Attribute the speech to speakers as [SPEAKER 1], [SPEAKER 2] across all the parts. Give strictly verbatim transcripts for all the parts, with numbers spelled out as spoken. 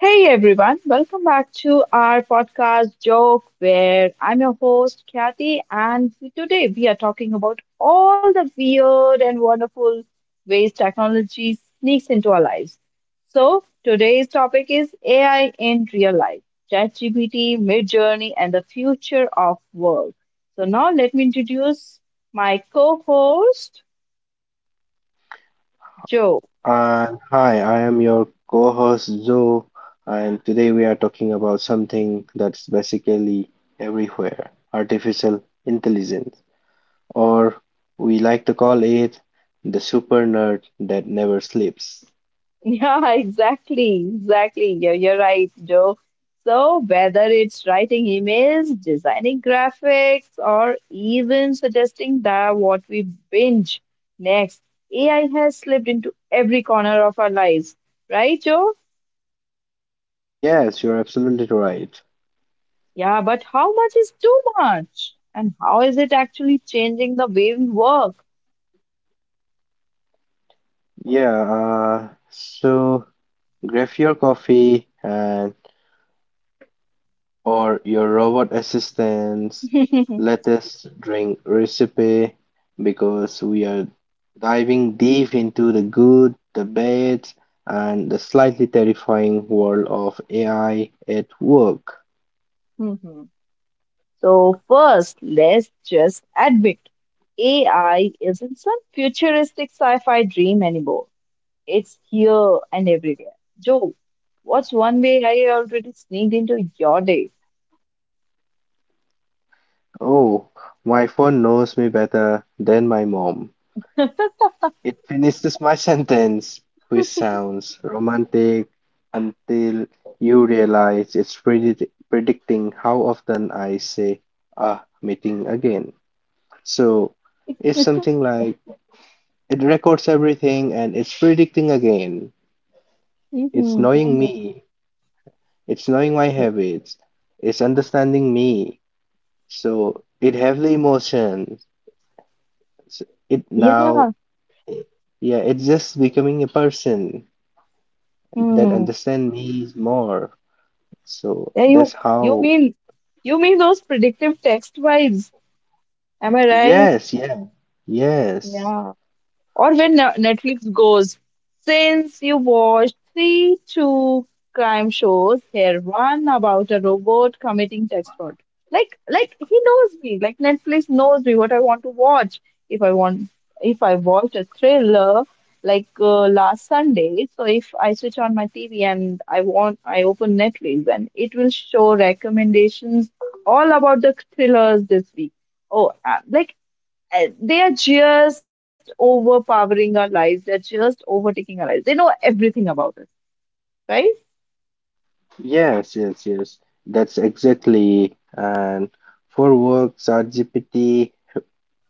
[SPEAKER 1] Hey everyone, welcome back to our podcast Joke, where I'm your host Kathy, and today we are talking about all the weird and wonderful ways technology sneaks into our lives. So today's topic is A I in real life, ChatGPT, Midjourney, and the future of work. So now let me introduce my co-host Joe.
[SPEAKER 2] And hi, I am your co host Zoe, and today we are talking about something that's basically everywhere, artificial intelligence, or we like to call it the super nerd that never sleeps.
[SPEAKER 1] Yeah, exactly, exactly. You're, you're right, Joe. So, whether it's writing emails, designing graphics, or even suggesting that what we binge next, A I has slipped into every corner of our lives, right, Joe?
[SPEAKER 2] Yes, you're absolutely right.
[SPEAKER 1] Yeah, but how much is too much? And how is it actually changing the way we work?
[SPEAKER 2] Yeah, uh, so grab your coffee and or your robot assistant's latest drink recipe because we are diving deep into the good, the bad, and the slightly terrifying world of A I at work.
[SPEAKER 1] Mhm. So, first, let's just admit A I isn't some futuristic sci fi dream anymore. It's here and everywhere. Joe, what's one way I already sneaked into your day?
[SPEAKER 2] Oh, my phone knows me better than my mom. It finishes my sentence, which sounds romantic until you realize it's predict predicting how often I say, ah, meeting again. So it's something like it records everything and it's predicting again.
[SPEAKER 1] hmm
[SPEAKER 2] It's knowing
[SPEAKER 1] hmm
[SPEAKER 2] me. It's knowing my habits. It's understanding me. So it have the emotions. S- It now,
[SPEAKER 1] Yeah.
[SPEAKER 2] yeah, it's just becoming a person that
[SPEAKER 1] Hmm.
[SPEAKER 2] understand me more. So
[SPEAKER 1] Yeah, you,
[SPEAKER 2] that's
[SPEAKER 1] you
[SPEAKER 2] how.
[SPEAKER 1] mean you mean those predictive text vibes? Am I right?
[SPEAKER 2] Yes, yeah, yes,
[SPEAKER 1] Yeah. Or when Ne- Netflix goes, since you watched three two crime shows, here one about a robot committing tax fraud. Like like he knows me. Like Netflix knows me what I want to watch. If I want if I watched a thriller like uh, last Sunday, so if I switch on my T V and I want I open Netflix and it will show recommendations all about the thrillers this week. Oh, uh, like uh, they are just overpowering our lives. They're just overtaking our lives. They know everything about us, right?
[SPEAKER 2] yes, yes, yes. That's exactly. And for work, ChatGPT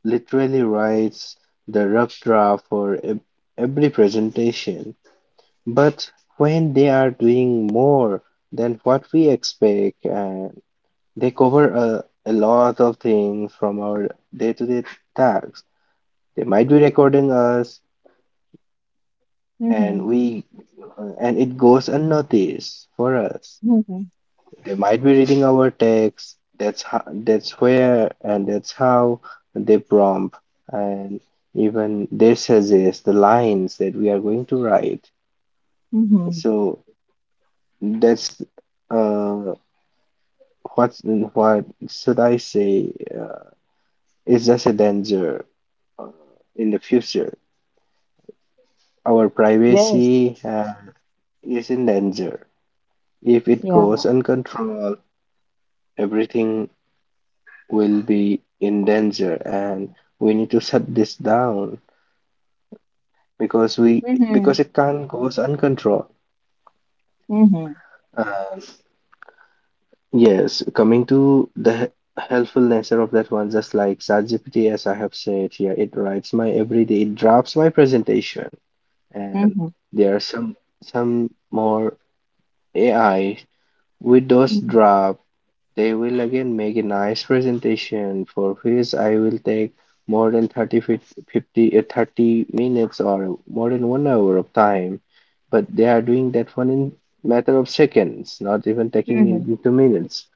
[SPEAKER 2] literally writes the rough draft for ev- every presentation. But when they are doing more than what we expect, and they cover a, a lot of things from our day-to-day tasks, they might be recording us,
[SPEAKER 1] Mm-hmm.
[SPEAKER 2] and we and it goes unnoticed for us.
[SPEAKER 1] Mm-hmm.
[SPEAKER 2] They might be reading our text. That's how, that's where and that's how they prompt and even they suggest the lines that we are going to write.
[SPEAKER 1] Mm-hmm.
[SPEAKER 2] So that's uh what what should I say? Uh, it's just a danger uh, in the future. Our
[SPEAKER 1] Yes.
[SPEAKER 2] privacy uh, is in danger if it goes
[SPEAKER 1] Yeah.
[SPEAKER 2] uncontrolled. Everything will be in danger and we need to shut this down because we
[SPEAKER 1] Mm-hmm.
[SPEAKER 2] because it can't goes uncontrolled
[SPEAKER 1] Mm-hmm.
[SPEAKER 2] and yes, coming to the he- helpful nature of that one, just like ChatGPT. As I have said here, it writes my everyday, it drafts my presentation and
[SPEAKER 1] Mm-hmm.
[SPEAKER 2] there are some some more A I. With those draft, they will again make a nice presentation for which I will take more than thirty, fif- fifty, uh, thirty minutes or more than one hour of time. But they are doing that one in matter of seconds, not even taking
[SPEAKER 1] Mm-hmm.
[SPEAKER 2] it into minutes.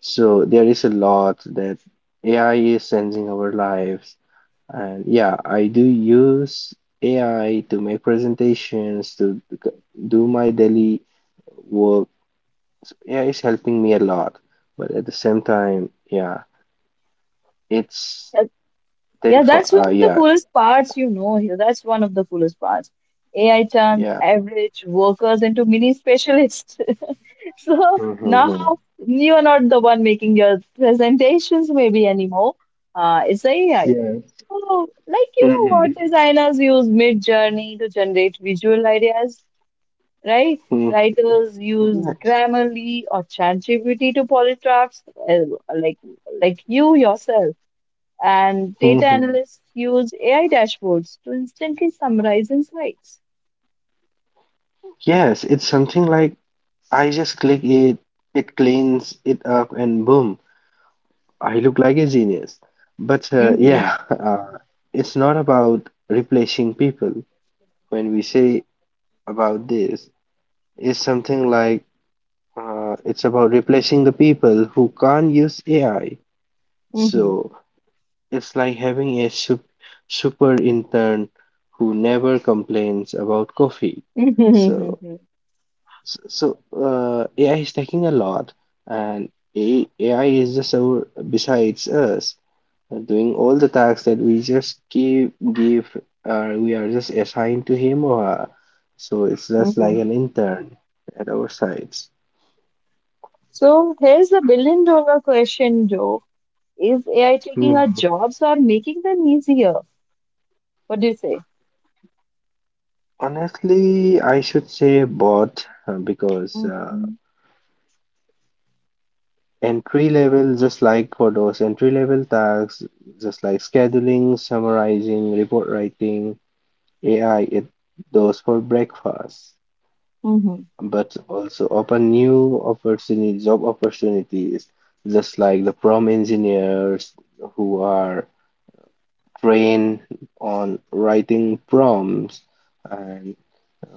[SPEAKER 2] So there is a lot that A I is changing our lives. And yeah, I do use A I to make presentations, to do my daily work. Yeah, it's helping me a lot. But at the same time, yeah, it's
[SPEAKER 1] Yeah,
[SPEAKER 2] terrifying.
[SPEAKER 1] that's one
[SPEAKER 2] Uh,
[SPEAKER 1] of the
[SPEAKER 2] yeah,
[SPEAKER 1] coolest parts, you know, here. That's one of the coolest parts. A I turns
[SPEAKER 2] yeah.
[SPEAKER 1] average workers into mini specialists. So now
[SPEAKER 2] Mm-hmm.
[SPEAKER 1] you're not the one making your presentations, maybe anymore. Uh, it's the A I.
[SPEAKER 2] Yeah.
[SPEAKER 1] Oh, like you know
[SPEAKER 2] Mm-hmm.
[SPEAKER 1] what, designers use Mid Journey to generate visual ideas, right?
[SPEAKER 2] Mm,
[SPEAKER 1] Writers use
[SPEAKER 2] yes.
[SPEAKER 1] Grammarly or ChatGPT to polish drafts, uh, like like you yourself. And data
[SPEAKER 2] Hmm,
[SPEAKER 1] analysts use A I dashboards to instantly summarize insights.
[SPEAKER 2] yes, it's something like I just click it, it cleans it up, and boom, I look like a genius. But uh,
[SPEAKER 1] Mm-hmm,
[SPEAKER 2] yeah, uh, it's not about replacing people. When we say about this, it's something like uh, it's about replacing the people who can't use A I.
[SPEAKER 1] mm-hmm,
[SPEAKER 2] So it's like having a sup- super intern who never complains about coffee.
[SPEAKER 1] mm-hmm,
[SPEAKER 2] So,
[SPEAKER 1] mm-hmm.
[SPEAKER 2] so so, uh, A I is taking a lot, and A- AI is just our besides us uh, doing all the tasks that we just give give uh, we are just assigned to him or her. So it's just
[SPEAKER 1] Mm-hmm.
[SPEAKER 2] like an intern at our sides.
[SPEAKER 1] So here's the billion dollar question, Joe. Is A I taking
[SPEAKER 2] Hmm.
[SPEAKER 1] our jobs or making them easier? What do you say?
[SPEAKER 2] Honestly, I should say bot uh, because. Uh,
[SPEAKER 1] Mm-hmm.
[SPEAKER 2] entry level, just like for those entry level tasks, just like scheduling, summarizing, report writing, AI, it those for breakfast, but also open new opportunity job opportunities, just like the prompt engineers who are trained on writing prompts and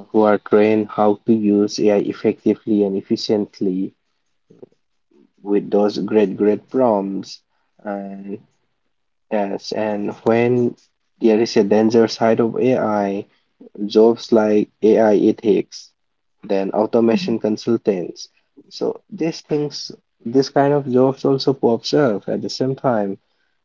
[SPEAKER 2] who are trained how to use AI effectively and efficiently with those great great prompts. And yes, and when there is a danger side of A I, jobs like A I ethics, then
[SPEAKER 1] Mhm.
[SPEAKER 2] automation consultants. So these things, this kind of jobs also pops up at the same time.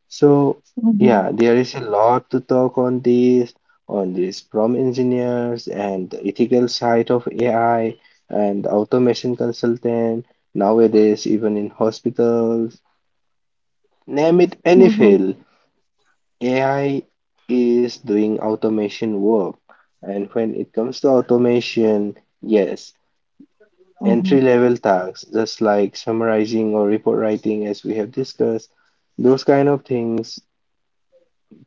[SPEAKER 2] So
[SPEAKER 1] Mhm.
[SPEAKER 2] yeah, there is a lot to talk on this, on this prompt engineers and the ethical side of A I and automation consultant. Nowadays, even in hospitals, name it any
[SPEAKER 1] Mhm.
[SPEAKER 2] field, A I is doing automation work. And when it comes to automation, yes,
[SPEAKER 1] Mhm.
[SPEAKER 2] entry level tasks, just like summarizing or report writing, as we have discussed, those kind of things,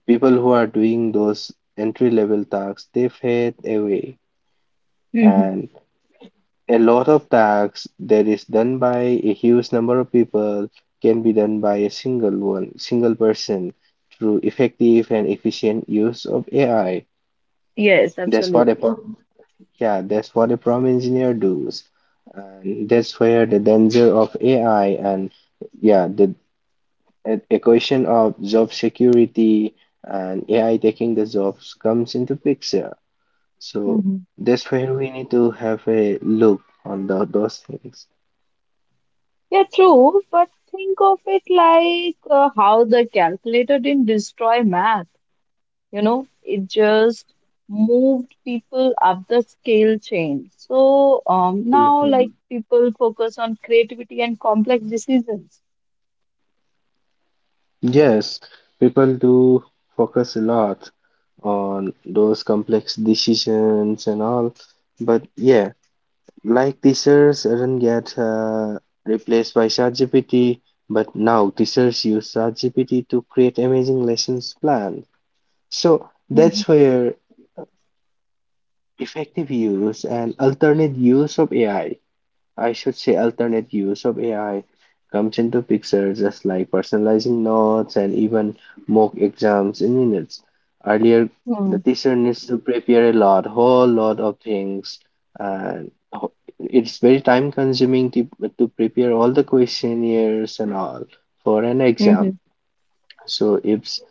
[SPEAKER 2] people who are doing those entry level tasks, they fade away.
[SPEAKER 1] Hmm.
[SPEAKER 2] And a lot of tasks that is done by a huge number of people can be done by a single one, single person through effective and efficient use of A I.
[SPEAKER 1] Yes,
[SPEAKER 2] That's what a
[SPEAKER 1] absolutely.
[SPEAKER 2] pro- yeah, that's what a prompt engineer does. And that's where the danger of A I and yeah, the e- equation of job security and A I taking the jobs comes into picture. So
[SPEAKER 1] Mhm.
[SPEAKER 2] that's where we need to have a look on the, those things.
[SPEAKER 1] Yeah, true, but think of it like uh, how the calculator didn't destroy math, you know, it just moved people up the scale chain. So um, now,
[SPEAKER 2] Mhm.
[SPEAKER 1] like, people focus on creativity and complex decisions.
[SPEAKER 2] Yes, people do focus a lot on those complex decisions and all, but yeah, like teachers didn't get uh, replaced by ChatGPT, but now teachers use ChatGPT to create amazing lessons plans. So
[SPEAKER 1] Mhm.
[SPEAKER 2] that's where effective use and alternate use of AI, I should say alternate use of A I, comes into picture, just like personalizing notes and even mock exams in minutes. Earlier, the
[SPEAKER 1] Mhm.
[SPEAKER 2] teacher needs to prepare a lot, whole lot of things, and ho- it's very time consuming to, to prepare all the questionnaires and all for an
[SPEAKER 1] Mm-hmm.
[SPEAKER 2] exam. So if s-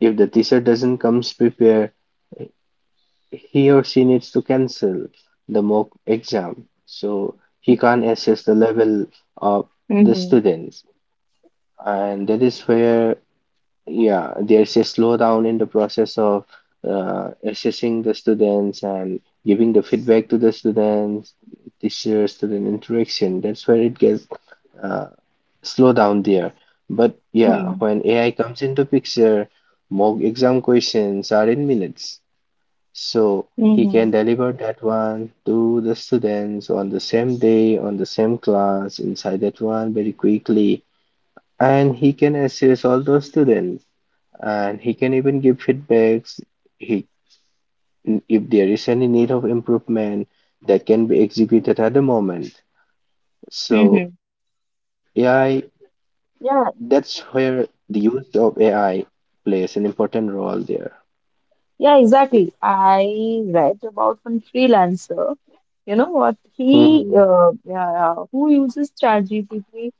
[SPEAKER 2] if the teacher doesn't comes prepare, he or she needs to cancel the mock exam, so he can't assess the level of the
[SPEAKER 1] Mm-hmm.
[SPEAKER 2] students, and that is where yeah, there's a slowdown in the process of uh, assessing the students and giving the feedback to the students, teacher student interaction, that's where it gets uh, slow down there. But yeah,
[SPEAKER 1] Mhm.
[SPEAKER 2] when AI comes into picture, mock exam questions are in minutes, so he can
[SPEAKER 1] Mm-hmm.
[SPEAKER 2] deliver that one to the students on the same day, on the same class, inside that one very quickly. And he can assess all those students and he can even give feedbacks. He, if there is any need of improvement, that can be executed at the moment. So
[SPEAKER 1] Mm-hmm.
[SPEAKER 2] A I, that's where the use of A I plays an important role there.
[SPEAKER 1] Yeah, exactly. I read about one freelancer, you know what, he
[SPEAKER 2] Hmm.
[SPEAKER 1] uh, yeah, who uses ChatGPT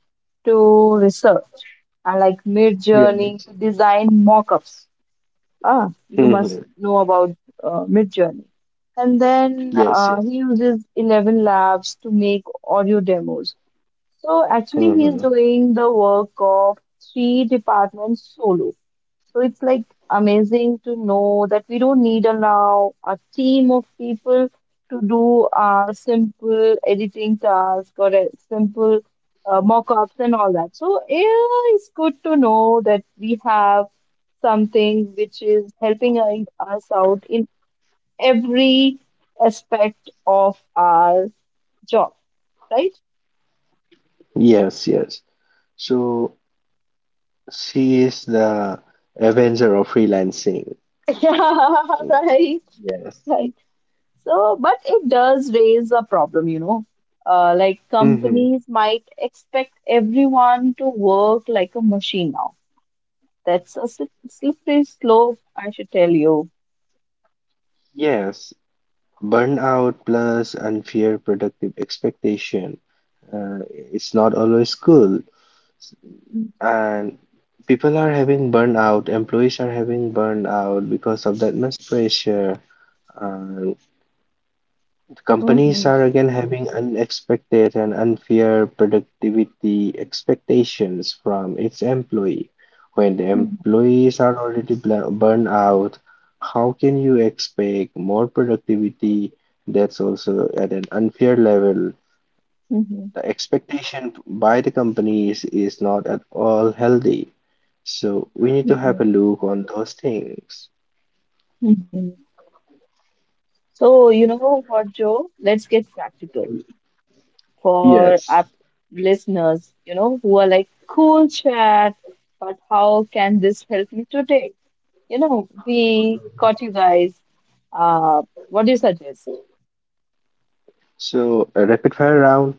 [SPEAKER 1] to research and like Midjourney
[SPEAKER 2] Yes.
[SPEAKER 1] to design mock-ups. Ah, you must
[SPEAKER 2] Hmm.
[SPEAKER 1] know about uh, Midjourney. And then
[SPEAKER 2] Yes,
[SPEAKER 1] uh,
[SPEAKER 2] yes.
[SPEAKER 1] he uses eleven labs to make audio demos. So actually, he's
[SPEAKER 2] Hmm.
[SPEAKER 1] doing the work of three departments solo. So it's like amazing to know that we don't need a now a team of people to do our simple editing task or a simple uh, mock-ups and all that. So yeah, it's good to know that we have something which is helping i- us out in every aspect of our job, right?
[SPEAKER 2] Yes, yes. So she is the avenger of freelancing.
[SPEAKER 1] Yeah, right,
[SPEAKER 2] Yes.
[SPEAKER 1] right. So, but it does raise a problem, you know. Uh, like
[SPEAKER 2] Hmm.
[SPEAKER 1] companies might expect everyone to work like a machine now. That's a slip- slippery slope, I should tell you.
[SPEAKER 2] Yes. Burnout plus unfair productive expectation. Uh, it's not always cool.
[SPEAKER 1] Mm-hmm.
[SPEAKER 2] And people are having burnout, employees are having burnout because of that much pressure. Uh, Companies
[SPEAKER 1] Mm-hmm.
[SPEAKER 2] are again having unexpected and unfair productivity expectations from its employee. When the employees are already bl- burned out, how can you expect more productivity? That's also at an unfair level.
[SPEAKER 1] Mm-hmm.
[SPEAKER 2] The expectation by the companies is not at all healthy. So we need to have a
[SPEAKER 1] Mm-hmm.
[SPEAKER 2] look on those things.
[SPEAKER 1] Mm-hmm. So, you know what, Joe? Let's get practical for
[SPEAKER 2] Yes.
[SPEAKER 1] our listeners, you know, who are like, cool chat, but how can this help me today? You know, we got you guys. Uh, what do you suggest?
[SPEAKER 2] So a rapid fire round.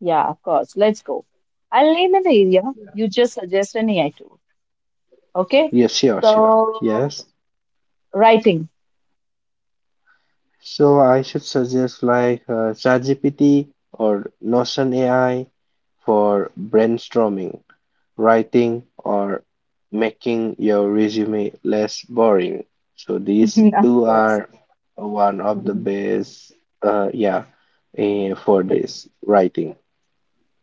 [SPEAKER 1] Yeah, of course. Let's go. I'll name an area. You just suggest an A I tool. Okay.
[SPEAKER 2] Yes, sure, sure.
[SPEAKER 1] So,
[SPEAKER 2] Yes.
[SPEAKER 1] writing.
[SPEAKER 2] So I should suggest like uh, ChatGPT or Notion A I for brainstorming, writing, or making your resume less boring. So these
[SPEAKER 1] Of
[SPEAKER 2] two
[SPEAKER 1] course.
[SPEAKER 2] are one of the
[SPEAKER 1] Mhm.
[SPEAKER 2] best, uh, yeah, eh, for
[SPEAKER 1] T-
[SPEAKER 2] this writing.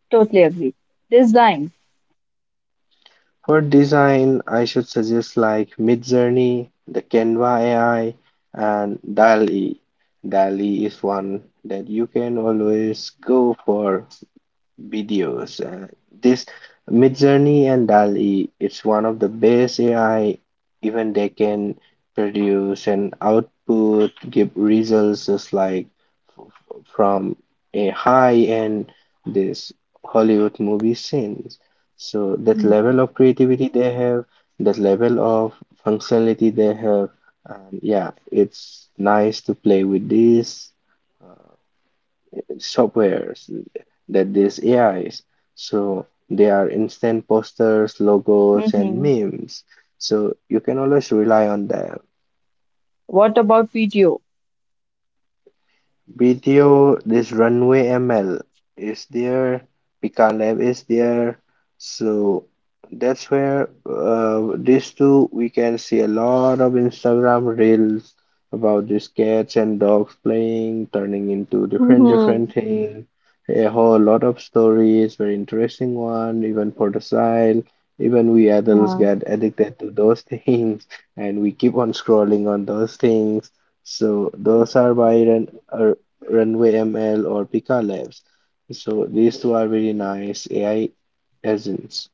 [SPEAKER 1] Totally agree. Design.
[SPEAKER 2] For design, I should suggest like Midjourney, the Canva A I, and doll-E. doll-E is one that you can always go for videos. Uh, this Midjourney and doll-E, it's one of the best A I. Even they can produce and output give results, just like from a high-end, this, Hollywood movie scenes. So that level
[SPEAKER 1] Mhm.
[SPEAKER 2] of creativity they have, that level of functionality they have, um, yeah, it's nice to play with these uh, softwares, that there's A Is. So they are instant posters, logos, and
[SPEAKER 1] Mhm.
[SPEAKER 2] memes. So you can always rely on them.
[SPEAKER 1] What about video?
[SPEAKER 2] B T O, this Runway M L is there, Pika Lab is there. So that's where uh, these two, we can see a lot of Instagram reels about these cats and dogs playing, turning into different
[SPEAKER 1] Mhm.
[SPEAKER 2] different thing. A whole lot of stories, very interesting one, even for the child. Even we adults
[SPEAKER 1] Yeah.
[SPEAKER 2] get addicted to those things, and we keep on scrolling on those things. So those are by Ren- uh, Runway M L or Pika Labs. So these two are very nice A I agents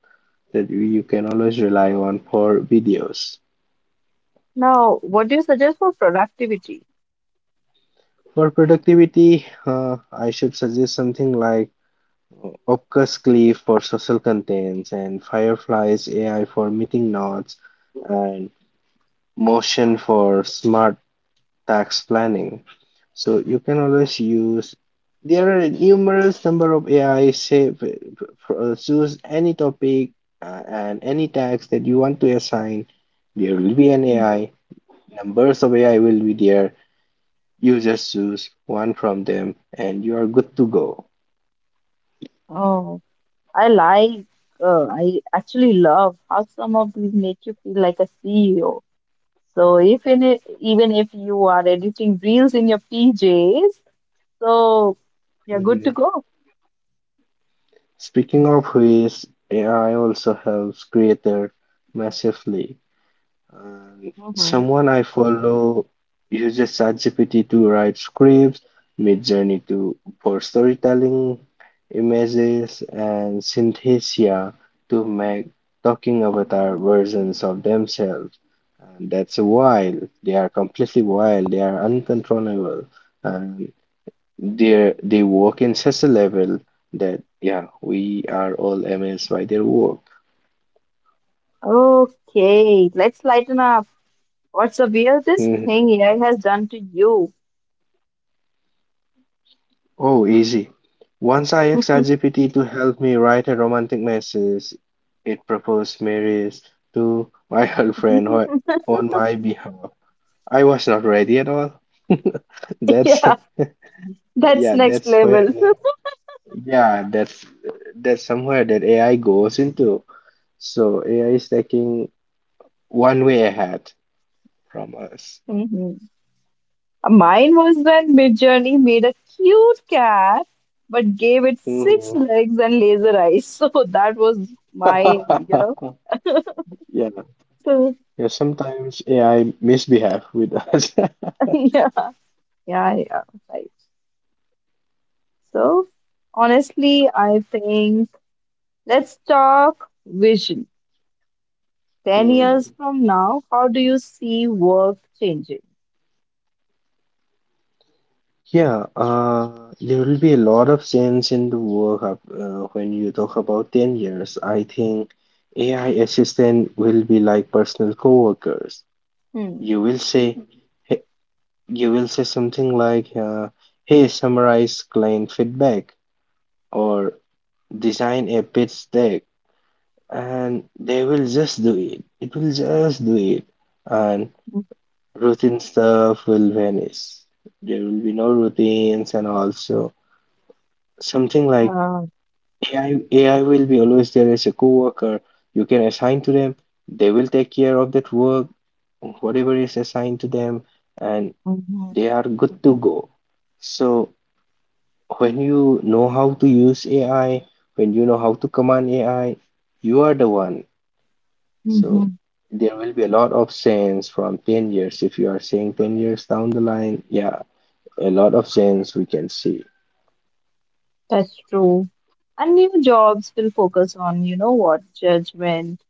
[SPEAKER 2] that you you can always rely on for videos.
[SPEAKER 1] Now, what do you suggest for productivity?
[SPEAKER 2] For productivity, uh, I should suggest something like uh, Opcus Cleave for social contents and Firefly's A I for meeting notes and Motion for smart tax planning. So you can always use. There are numerous number of A I save for, uh, choose any topic uh, and any tax that you want to assign. There will be an
[SPEAKER 1] Mm.
[SPEAKER 2] A I. Numbers of A I will be there. You just choose one from them, and you are good to go.
[SPEAKER 1] Oh, I like, uh, I actually love how some of these make you feel like a C E O. So if in it, even if you are editing reels in your P Js, so you're good
[SPEAKER 2] Mhm.
[SPEAKER 1] to go.
[SPEAKER 2] Speaking of which, A I also helps creator massively. And
[SPEAKER 1] Mhm.
[SPEAKER 2] someone I follow uses ChatGPT to write scripts, Midjourney to for storytelling, images, and Synthesia to make talking avatar versions of themselves. And that's wild. They are completely wild. They are uncontrollable, and they they work in such a level that yeah, we are all amazed by their work.
[SPEAKER 1] Okay, let's lighten up. What's the weirdest thing A I has done to you?
[SPEAKER 2] Oh, easy. Once I asked ChatGPT to help me write a romantic message, it proposed marriage to my girlfriend who- on my behalf. I was not ready at all. That's
[SPEAKER 1] Yeah, that's
[SPEAKER 2] yeah,
[SPEAKER 1] next
[SPEAKER 2] that's where
[SPEAKER 1] level.
[SPEAKER 2] yeah, that's that's somewhere that A I goes into. So A I is taking one way ahead from us.
[SPEAKER 1] Mhm. Mine was when Midjourney made a cute cat but gave it six
[SPEAKER 2] Mhm.
[SPEAKER 1] legs and laser eyes. So that was my, you know.
[SPEAKER 2] Yeah,
[SPEAKER 1] So
[SPEAKER 2] yeah, sometimes A I misbehave with us.
[SPEAKER 1] yeah, yeah, yeah, right. So, honestly, I think let's talk vision. ten years
[SPEAKER 2] Mhm.
[SPEAKER 1] from now, how do you see work changing?
[SPEAKER 2] Yeah, uh, there will be a lot of change in the work up, uh, when you talk about ten years. I think A I assistant will be like personal coworkers. You
[SPEAKER 1] Hmm.
[SPEAKER 2] will say, he- you will say something like, uh, "Hey, summarize client feedback," or "Design a pitch deck," and they will just do it. It will just do it, and routine stuff will vanish. There will be no routines, and also something like
[SPEAKER 1] Uh,
[SPEAKER 2] A I, A I will be always there as a coworker. You can assign to them. They will take care of that work, whatever is assigned to them, and
[SPEAKER 1] hmm
[SPEAKER 2] they are good to go. So when you know how to use A I, when you know how to command A I, you are the one. So
[SPEAKER 1] hmm
[SPEAKER 2] there will be a lot of sense from ten years. If you are saying ten years down the line, yeah, a lot of sense we can see.
[SPEAKER 1] That's true. And new jobs will focus on, you know what, judgment,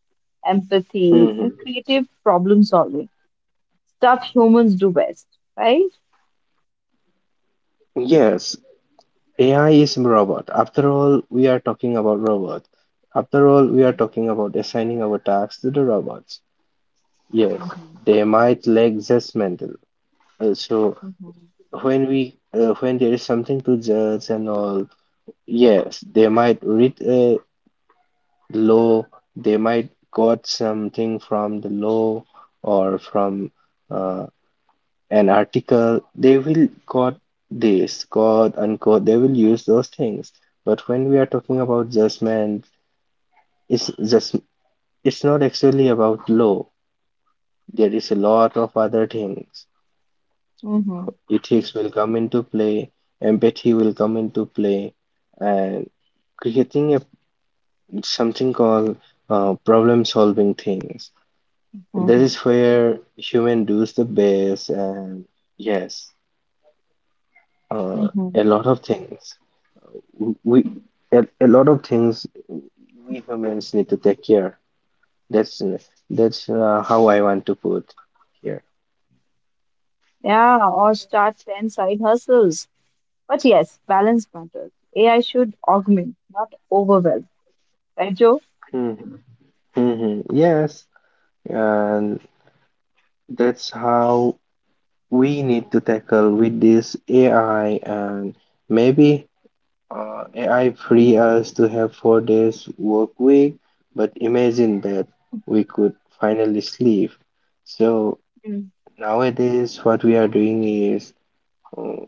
[SPEAKER 1] empathy, and
[SPEAKER 2] Hmm
[SPEAKER 1] creative problem solving. Stuff humans do best, right?
[SPEAKER 2] Yes, A I is robot. After all, we are talking about robots. After all, we are talking about assigning our tasks to the robots. Yes,
[SPEAKER 1] Mhm.
[SPEAKER 2] they might lack judgmental. Uh, so
[SPEAKER 1] Mhm.
[SPEAKER 2] when we uh, when there is something to judge and all, yes, they might read a law. They might got something from the law or from uh. an article, they will quote this, quote unquote, they will use those things. But when we are talking about judgment, it's just it's not actually about law. There is a lot of other things.
[SPEAKER 1] Mhm.
[SPEAKER 2] Ethics will come into play, empathy will come into play, and creating a, something called uh, problem solving things. That is
[SPEAKER 1] Mhm.
[SPEAKER 2] where human does the best, and yes, uh,
[SPEAKER 1] Hmm.
[SPEAKER 2] a lot of things. We a, a lot of things we humans need to take care. That's that's uh, how I want to put here.
[SPEAKER 1] Yeah, or start ten side hustles. But yes, balance matters. A I should augment, not overwhelm. Right, Joe?
[SPEAKER 2] Mm-hmm. Mm-hmm. Yes, and that's how we need to tackle with this A I, and maybe uh, A I free us to have four days work week, but imagine that we could finally sleep. So
[SPEAKER 1] Mm.
[SPEAKER 2] nowadays, what we are doing is uh,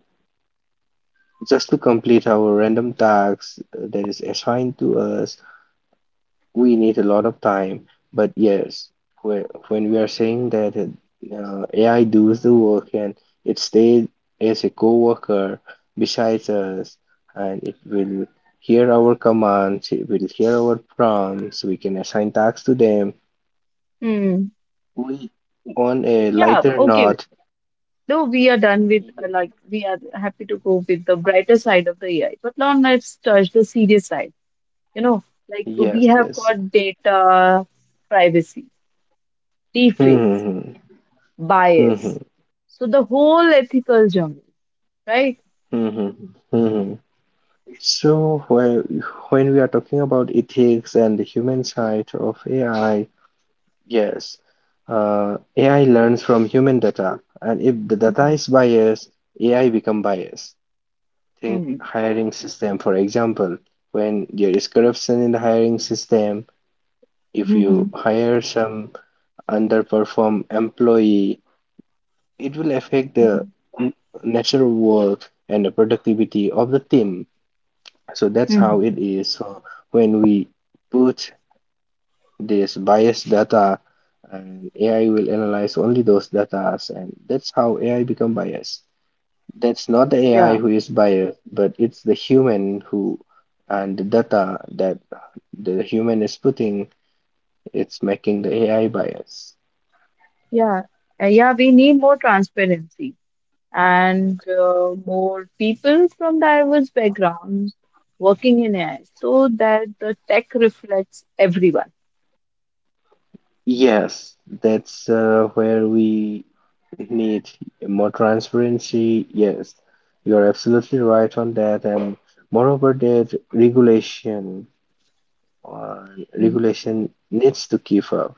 [SPEAKER 2] just to complete our random tasks uh, that is assigned to us, we need a lot of time. But yes, when we are saying that uh, A I does the work and it stays as a co-worker besides us, and it will hear our commands, it will hear our prompts, we can assign tasks to them.
[SPEAKER 1] Mm.
[SPEAKER 2] We, on a
[SPEAKER 1] Yeah,
[SPEAKER 2] lighter
[SPEAKER 1] okay.
[SPEAKER 2] note,
[SPEAKER 1] No, we are done with uh, like we are happy to go with the brighter side of the A I. But now let's touch the serious side. You know, like we
[SPEAKER 2] yes,
[SPEAKER 1] have
[SPEAKER 2] yes.
[SPEAKER 1] got data privacy, deepfakes,
[SPEAKER 2] Hmm, hmm, hmm, hmm, hmm,
[SPEAKER 1] bias. So the whole ethical jungle, right?
[SPEAKER 2] hmm, hmm, hmm, hmm. So, whe- when we are talking about ethics and the human side of A I, yes, uh, A I learns from human data, and if the data
[SPEAKER 1] Mm-hmm.
[SPEAKER 2] is biased, A I become biased. Think
[SPEAKER 1] Mm-hmm.
[SPEAKER 2] hiring system, for example, when there is corruption in the hiring system, if
[SPEAKER 1] Mm-hmm.
[SPEAKER 2] you hire some underperform employee, it will affect the n- natural work and the productivity of the team. So that's
[SPEAKER 1] Mhm.
[SPEAKER 2] how it is. So when we put this biased data, and A I will analyze only those data, and that's how A I become biased. That's not the
[SPEAKER 1] Yeah,
[SPEAKER 2] A I who is biased, but it's the human who, and the data that the human is putting, it's making the A I biased.
[SPEAKER 1] yeah. Uh, yeah. We need more transparency, and uh, more people from diverse backgrounds working in A I so that the tech reflects everyone.
[SPEAKER 2] Yes, that's uh, where we need more transparency. Yes, you're absolutely right on that. And moreover, that regulation uh,
[SPEAKER 1] Mhm.
[SPEAKER 2] regulation needs to keep up.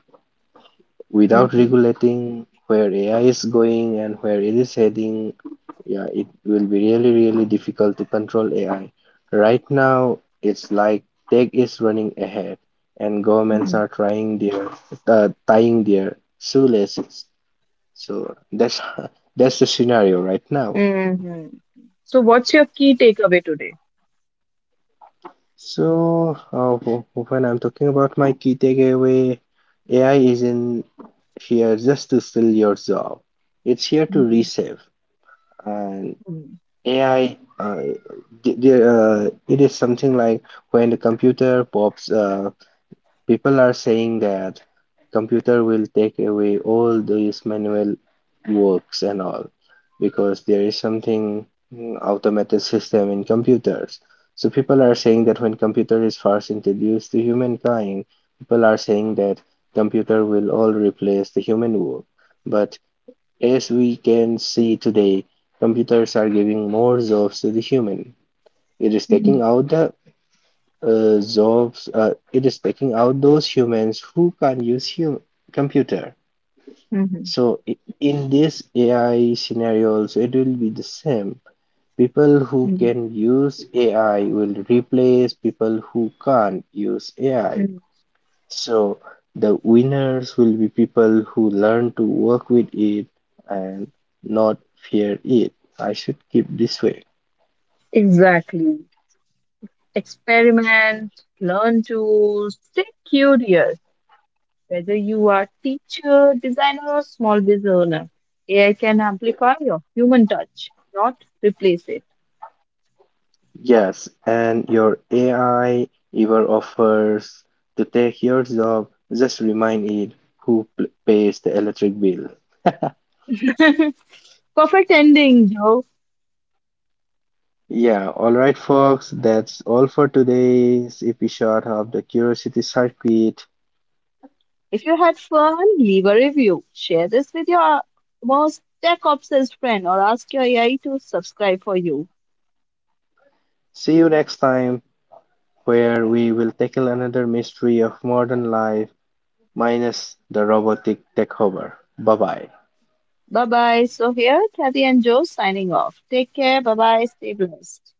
[SPEAKER 2] Without
[SPEAKER 1] Mm.
[SPEAKER 2] regulating where A I is going and where it is heading, yeah, it will be really, really difficult to control A I. Right now, it's like tech is running ahead, and governments are trying their uh, tying their shoelaces. So that's that's the scenario right now.
[SPEAKER 1] Mhm. So, what's your key takeaway today?
[SPEAKER 2] So uh, wh- when I'm talking about my key takeaway, A I isn't here just to steal your job. It's here to
[SPEAKER 1] mm,
[SPEAKER 2] resave. And
[SPEAKER 1] mm,
[SPEAKER 2] A I, uh, th- there, uh, it is something like when the computer pops, uh, people are saying that computer will take away all these manual works and all, because there is something mm, automated system in computers. So people are saying that when computer is first introduced to humankind, people are saying that computer will all replace the human work. But as we can see today, computers are giving more jobs to the human. It is
[SPEAKER 1] mm,
[SPEAKER 2] taking out the uh, jobs. Uh, it is taking out those humans who can't use hum- computer.
[SPEAKER 1] mm,
[SPEAKER 2] So i- in this A I scenario, also it will be the same. People who
[SPEAKER 1] mm,
[SPEAKER 2] can use A I will replace people who can't use A I.
[SPEAKER 1] mm.
[SPEAKER 2] So the winners will be people who learn to work with it and not fear it. I should keep this way.
[SPEAKER 1] Exactly. Experiment, learn tools, stay curious. Whether you are teacher, designer, or small business owner, A I can amplify your human touch, not replace it.
[SPEAKER 2] Yes, and your A I ever offers to take your job, just remind it who p- pays the electric bill.
[SPEAKER 1] Perfect ending, Joe.
[SPEAKER 2] Yeah, all right, folks, that's all for today's episode of the Curiosity Circuit.
[SPEAKER 1] If you had fun, leave a review. Share this with your most tech obsessed friend or ask your A I to subscribe for you.
[SPEAKER 2] See you next time, where we will tackle another mystery of modern life minus the robotic takeover. Bye bye.
[SPEAKER 1] Bye bye. So, here, Kathy and Joe signing off. Take care. Bye bye. Stay blessed.